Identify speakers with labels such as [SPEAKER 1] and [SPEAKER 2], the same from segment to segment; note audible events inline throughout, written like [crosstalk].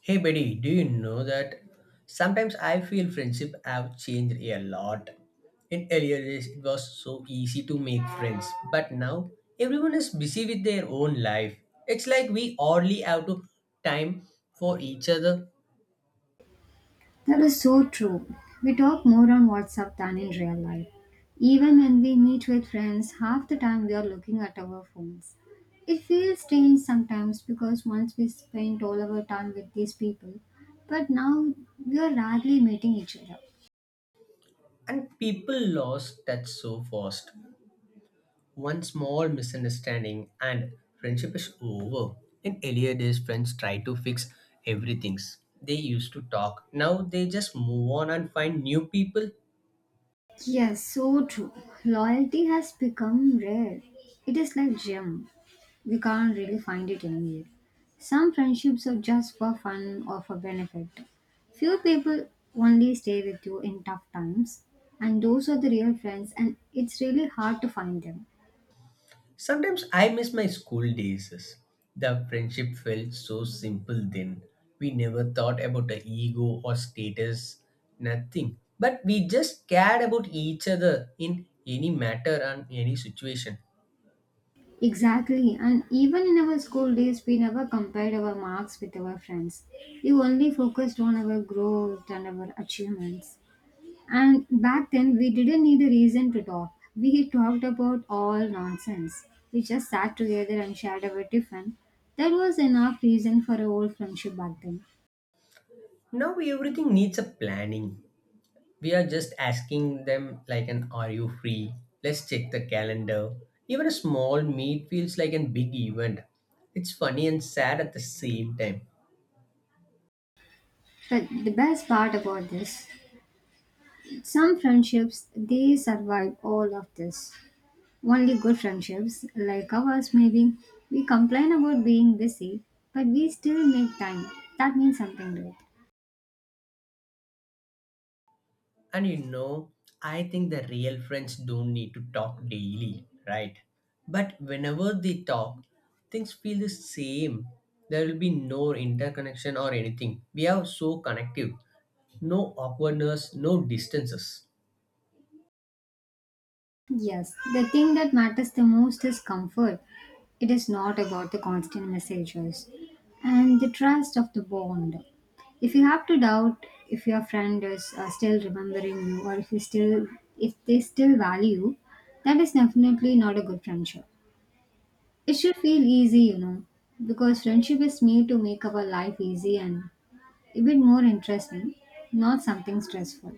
[SPEAKER 1] Hey buddy, do you know that sometimes I feel friendship have changed a lot? In earlier days, it was so easy to make friends, but now everyone is busy with their own life. It's like we hardly have to time for each other,
[SPEAKER 2] That is so true. We talk more on WhatsApp than in real life. Even when we meet with friends, half the time we are looking at our phones. It feels strange sometimes because once we spent all our time with these people, but now we are rarely meeting each other.
[SPEAKER 1] and people lost touch so fast. One small misunderstanding and friendship is over. In earlier days, friends try to fix everything. They used to talk. Now they just move on and find new people.
[SPEAKER 2] Yes, so true. Loyalty has become rare. It is like gem. We can't really find it anywhere. Some friendships are just for fun or for benefit. Few people only stay with you in tough times, and those are the real friends, and it's really hard to find them.
[SPEAKER 1] Sometimes I miss my school days. The friendship felt so simple then. We never thought about the ego or status, nothing. But we just cared about each other in any matter and any situation.
[SPEAKER 2] Exactly, and even in our school days, we never compared our marks with our friends. We only focused on our growth and our achievements. And back then, we didn't need a reason to talk. We talked about all nonsense. We just sat together and shared our tiffin. That was enough reason for a old friendship back then.
[SPEAKER 1] Now everything needs a planning. We are just asking them like an are you free? Let's check the calendar. Even a small meet feels like an big event. It's funny and sad at the same time.
[SPEAKER 2] But the best part about this, some friendships they survive all of this. Only good friendships, like ours maybe, we complain about being busy, but we still make time. That means something great.
[SPEAKER 1] And you know, I think the real friends don't need to talk daily, right? But whenever they talk, things feel the same. There will be no interconnection or anything. We are so connective. No awkwardness, no distances.
[SPEAKER 2] Yes, the thing that matters the most is comfort. It is not about the constant messages and the trust of the bond. If you have to doubt if your friend is still remembering you, or if they still value you, that is definitely not a good friendship. It should feel easy, you know, because friendship is made to make our life easy and a bit more interesting, not something stressful.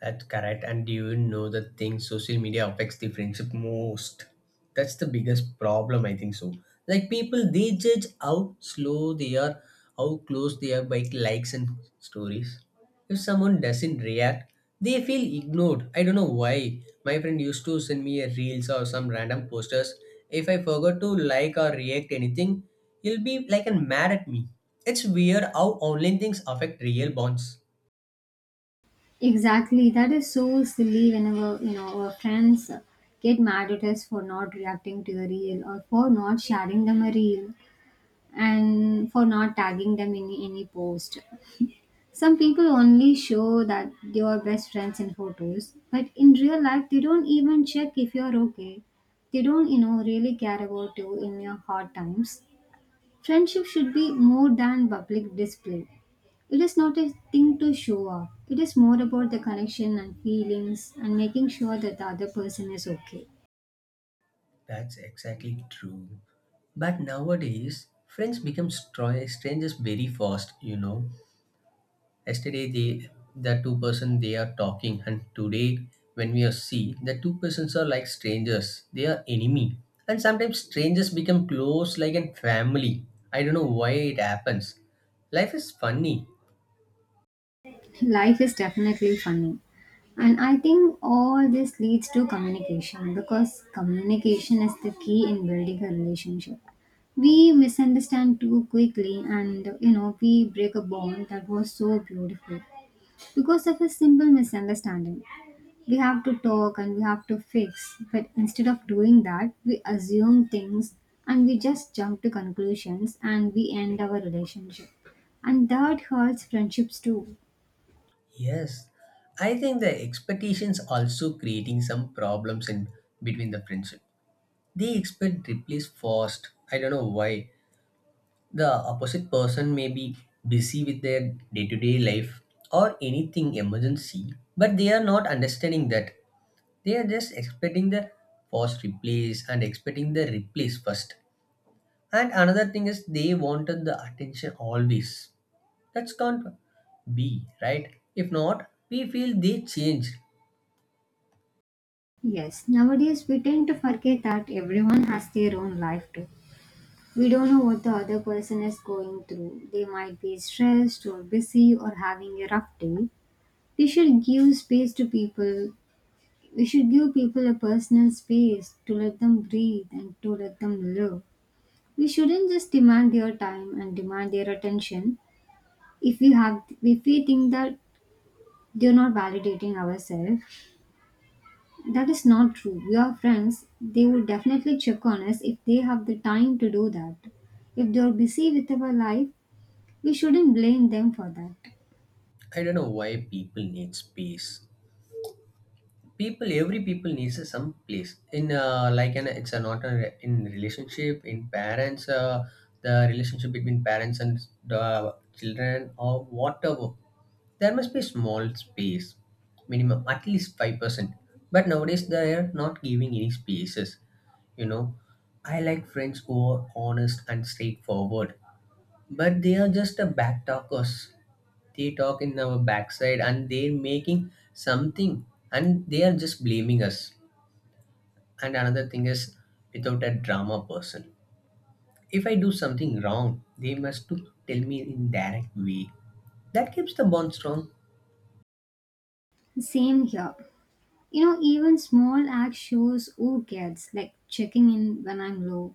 [SPEAKER 1] That's correct. And do you know the thing social media affects the friendship most? That's the biggest problem, I think so. Like people, they judge how slow they are, how close they are by likes and stories. If someone doesn't react, they feel ignored. I don't know why. My friend used to send me a reels or some random posters. If I forgot to like or react anything, he'll be like and mad at me. It's weird how online things affect real bonds.
[SPEAKER 2] Exactly. That is so silly whenever, you know, our friends get mad at us for not reacting to the reel or for not sharing them a reel and for not tagging them in any post. Some people only show that they are best friends in photos, but in real life they don't even check if you're okay. They don't, you know, really care about you in your hard times. Friendship should be more than public display. It is not a thing to show off. It is more about the connection and feelings and making sure that the other person is okay.
[SPEAKER 1] That's exactly true. But nowadays, friends become strangers very fast. You know, yesterday they the two-person they are talking, and today when we are see the two persons are like strangers. They are enemy, and sometimes strangers become close like a family. I don't know why it happens. Life is funny.
[SPEAKER 2] [laughs] Life is definitely funny. And I think all this leads to communication because communication is the key in building a relationship. We misunderstand too quickly, and you know we break a bond that was so beautiful because of a simple misunderstanding. We have to talk and we have to fix, but instead of doing that, we assume things and we just jump to conclusions and we end our relationship. And that hurts friendships too.
[SPEAKER 1] Yes, I think the expectations also creating some problems in between the friendship. They expect replies fast. I don't know why. The opposite person may be busy with their day to day life or anything emergency, but they are not understanding that. They are just expecting the first replace and expecting the replace first. And another thing is they wanted the attention always. That's can't be, right? If not, we feel they change.
[SPEAKER 2] Yes, nowadays we tend to forget that everyone has their own life too. We don't know what the other person is going through. They might be stressed or busy or having a rough day. We should give space to people. We should give people a personal space to let them breathe and to let them live. We shouldn't just demand their time and demand their attention if we think that they're not validating ourselves. That is not true. We are friends. They will definitely check on us if they have the time to do that. If they are busy with our life, we shouldn't blame them for that.
[SPEAKER 1] I don't know why people need space. People every people needs a some place in like an it's a not a, in relationship in parents the relationship between parents and the children or whatever there must be small space minimum at least 5%, but nowadays they are not giving any spaces, you know. I like friends who are honest and straightforward, but they are just a back talkers. They talk in our backside and they're making something and they are just blaming us. And another thing is without a drama person, if I do something wrong they must to tell me in direct way. That keeps the bond strong.
[SPEAKER 2] Same here. You know, even small act shows who cares, like checking in when I'm low.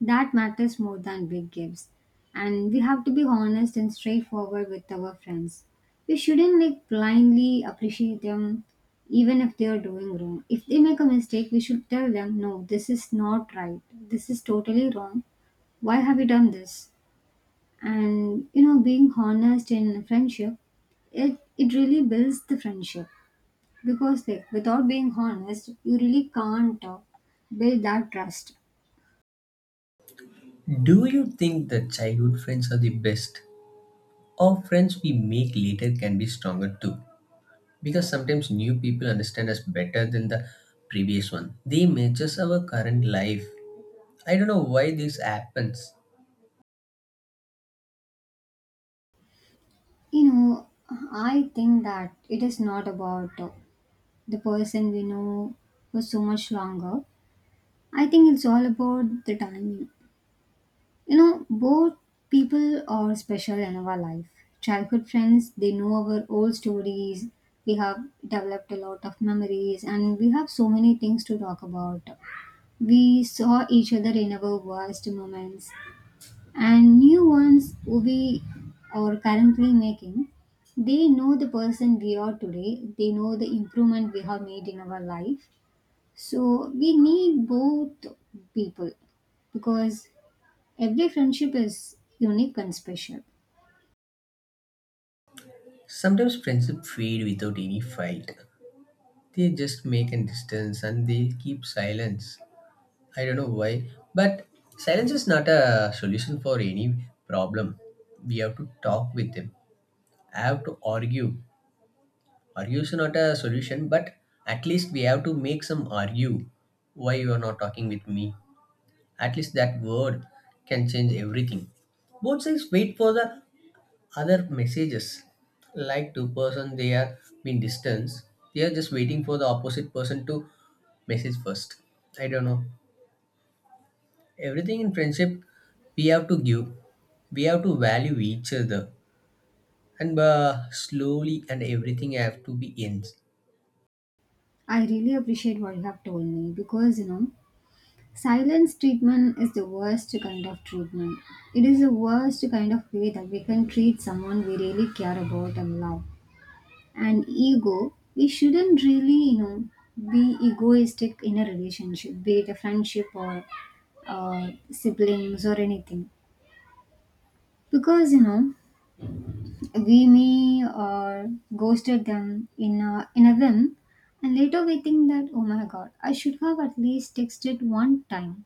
[SPEAKER 2] That matters more than big gifts. And we have to be honest and straightforward with our friends. We shouldn't like blindly appreciate them even if they are doing wrong. If they make a mistake, we should tell them, no, this is not right. This is totally wrong. Why have you done this? And you know, being honest in friendship, it really builds the friendship, because like without being honest, you really can't build that trust.
[SPEAKER 1] Do you think that childhood friends are the best, or friends we make later can be stronger too? Because sometimes new people understand us better than the previous one. They matches our current life. I don't know why this happens.
[SPEAKER 2] You know, I think that it is not about the person we know for so much longer. I think it's all about the timing. You know, both people are special in our life. Childhood friends, they know our old stories. We have developed a lot of memories and we have so many things to talk about. We saw each other in our worst moments, and new ones we are currently making, they know the person we are today. They know the improvement we have made in our life, so we need both people, because every friendship is unique and special.
[SPEAKER 1] Sometimes friendship fade without any fight. They just make a distance and they keep silence. I don't know why, but silence is not a solution for any problem. We have to talk with them. I have to argue. Argue is not a solution, but at least we have to make some argue. Why you are not talking with me? At least that word can change everything. Both sides wait for the other messages, like two-person they are being distance, they are just waiting for the opposite person to message first. I don't know, everything in friendship we have to give, we have to value each other, and slowly and everything have to be in.
[SPEAKER 2] I really appreciate what you have told me, because you know silence treatment is the worst kind of treatment. It is the worst kind of way that we can treat someone we really care about and love. And ego, we shouldn't really, you know, be egoistic in a relationship, be it a friendship or siblings or anything. Because you know, we may ghosted them in a whim, and later we think that oh my god, I should have at least texted one time.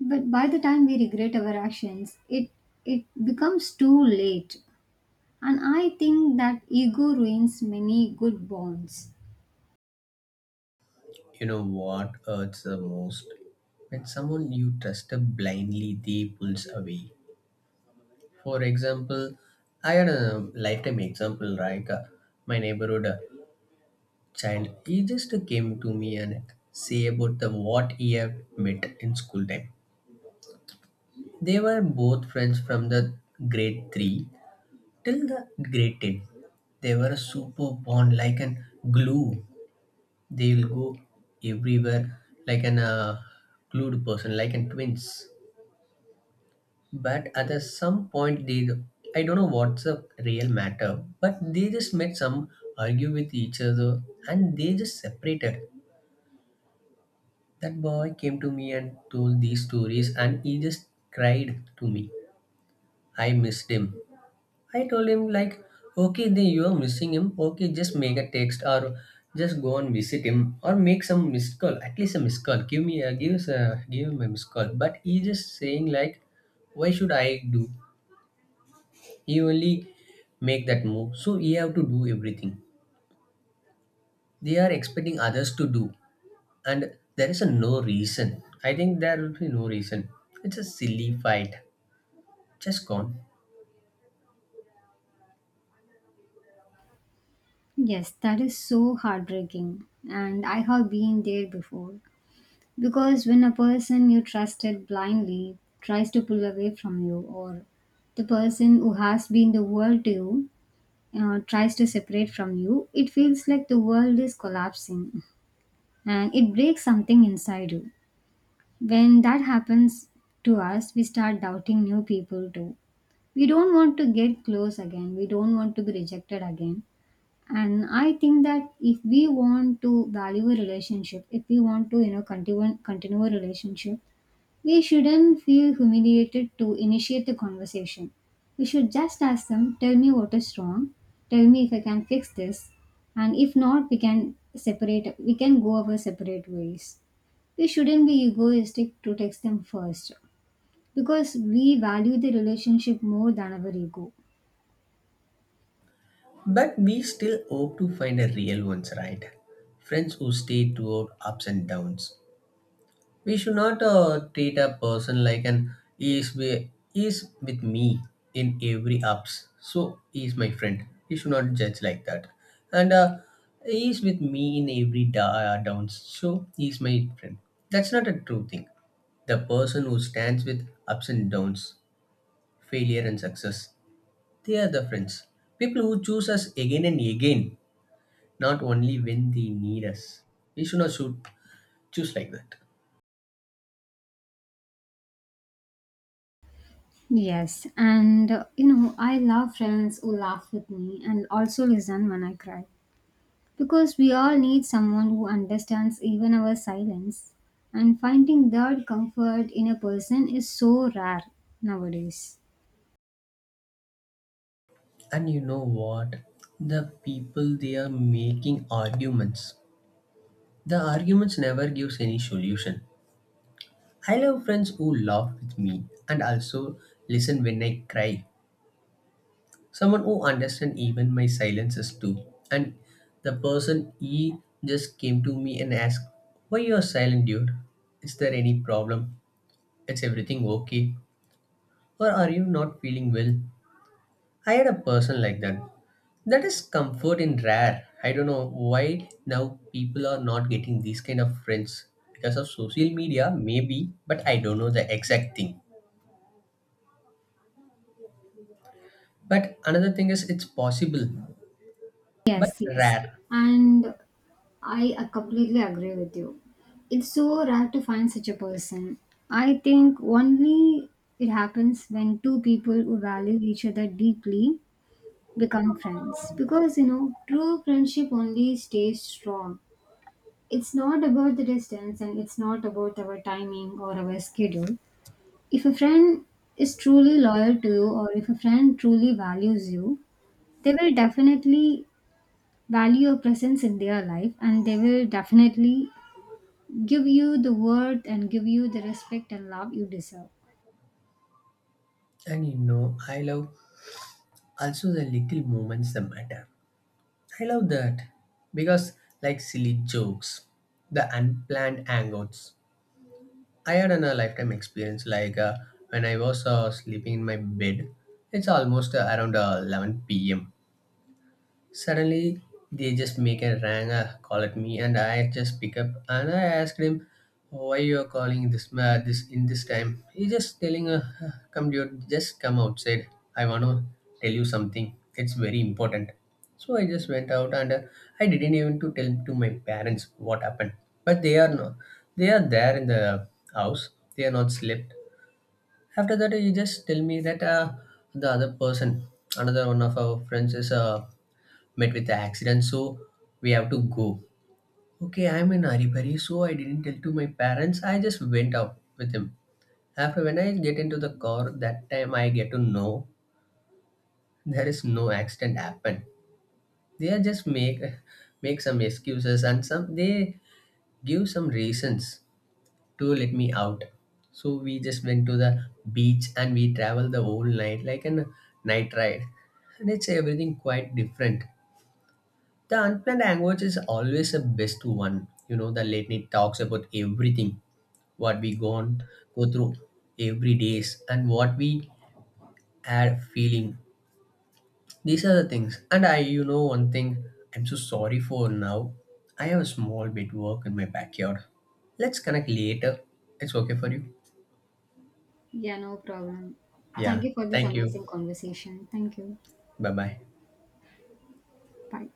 [SPEAKER 2] But by the time we regret our actions, it becomes too late, and I think that ego ruins many good bonds.
[SPEAKER 1] You know what hurts the most? When someone you trust blindly they pulls away. For example, I had a lifetime example like my neighborhood child, he just came to me and say about the what he have met in school time. They were both friends from the grade three till the grade ten. They were super bond like an glue. They will go everywhere like an glued person, like an twins. But at a some point, they I don't know what's the real matter, but they just met some argue with each other and they just separated. That boy came to me and told these stories, and he just cried to me. I missed him. I told him, like, okay, then you are missing him. Okay, just make a text or just go and visit him or make some missed call. At least a missed call. Give me a give us a give him a missed call. But he just saying like, why should I do? He only make that move. So he have to do everything. They are expecting others to do, and there is a no reason. I think there will be no reason. It's a silly fight. Just gone.
[SPEAKER 2] Yes, that is so heartbreaking, and I have been there before. Because when a person you trusted blindly tries to pull away from you, or the person who has been the world to you tries to separate from you, it feels like the world is collapsing and it breaks something inside you. When that happens to us, we start doubting new people too. We don't want to get close again, we don't want to be rejected again. And I think that if we want to value a relationship, if we want to, you know, continue a relationship, we shouldn't feel humiliated to initiate the conversation. We should just ask them, tell me what is wrong, tell me if I can fix this, and if not, we can separate, we can go our separate ways. We shouldn't be egoistic to text them first, because we value the relationship more than our ego.
[SPEAKER 1] But we still hope to find a real ones, right? Friends who stay throughout ups and downs. We should not treat a person like an he is with me in every ups. So he is my friend. He should not judge like that. And he is with me in every downs. So he is my friend. That's not a true thing. The person who stands with ups and downs, failure and success. They are the friends. People who choose us again and again, not only when they need us. We should not should choose like that.
[SPEAKER 2] Yes, and you know, I love friends who laugh with me and also listen when I cry, because we all need someone who understands even our silence, and finding that comfort in a person is so rare nowadays.
[SPEAKER 1] And you know what? The people they are making arguments. The arguments never gives any solution. I love friends who laugh with me and also listen when I cry. Someone who understand even my silences too. And the person he just came to me and asked, why you are silent, dude? Is there any problem? It's everything okay? Or are you not feeling well? I had a person like that. That is comfort in rare. I don't know why now people are not getting these kind of friends because of social media, maybe, but I don't know the exact thing. But another thing is it's possible, but
[SPEAKER 2] Yes, yes,
[SPEAKER 1] rare.
[SPEAKER 2] and I completely agree with you. It's so rare to find such a person. I think only it happens when two people who value each other deeply become friends, because you know true friendship only stays strong. It's not about the distance and it's not about our timing or our schedule. If a friend is truly loyal to you, or if a friend truly values you, they will definitely value your presence in their life, and they will definitely give you the worth and give you the respect and love you deserve.
[SPEAKER 1] And you know, I love also the little moments that matter. I love that because, like silly jokes, the unplanned hangouts, I had an, a lifetime experience like when I was sleeping in my bed. It's almost around 11 p.m. Suddenly, they just make a rang, call at me, and I just pick up and I asked him why you are calling this in this time. He just telling, come dude, just come outside. I wanna tell you something. It's very important. So I just went out and I didn't even to tell to my parents what happened. But they are no, they are there in the house. They are not slept. After that, he just tell me that the other person, another one of our friends, is met with the accident, so we have to go. Okay, I'm in haribari, so I didn't tell to my parents, I just went out with him. After when I get into the car, that time I get to know there is no accident happened. They are just make some excuses and some they give some reasons to let me out. So we just went to the beach and we traveled the whole night like a night ride, and it's everything quite different. The unplanned language is always the best one. You know, the late night talks about everything, what we go through every days, and what we are feeling. These are the things. And I, you know, one thing I'm so sorry for now. I have a small bit work in my backyard. Let's connect later. It's okay for you.
[SPEAKER 2] Yeah, no problem. Thank
[SPEAKER 1] Yeah.
[SPEAKER 2] you for this
[SPEAKER 1] Thank you.
[SPEAKER 2] amazing conversation, thank you.
[SPEAKER 1] Bye bye.
[SPEAKER 2] Bye.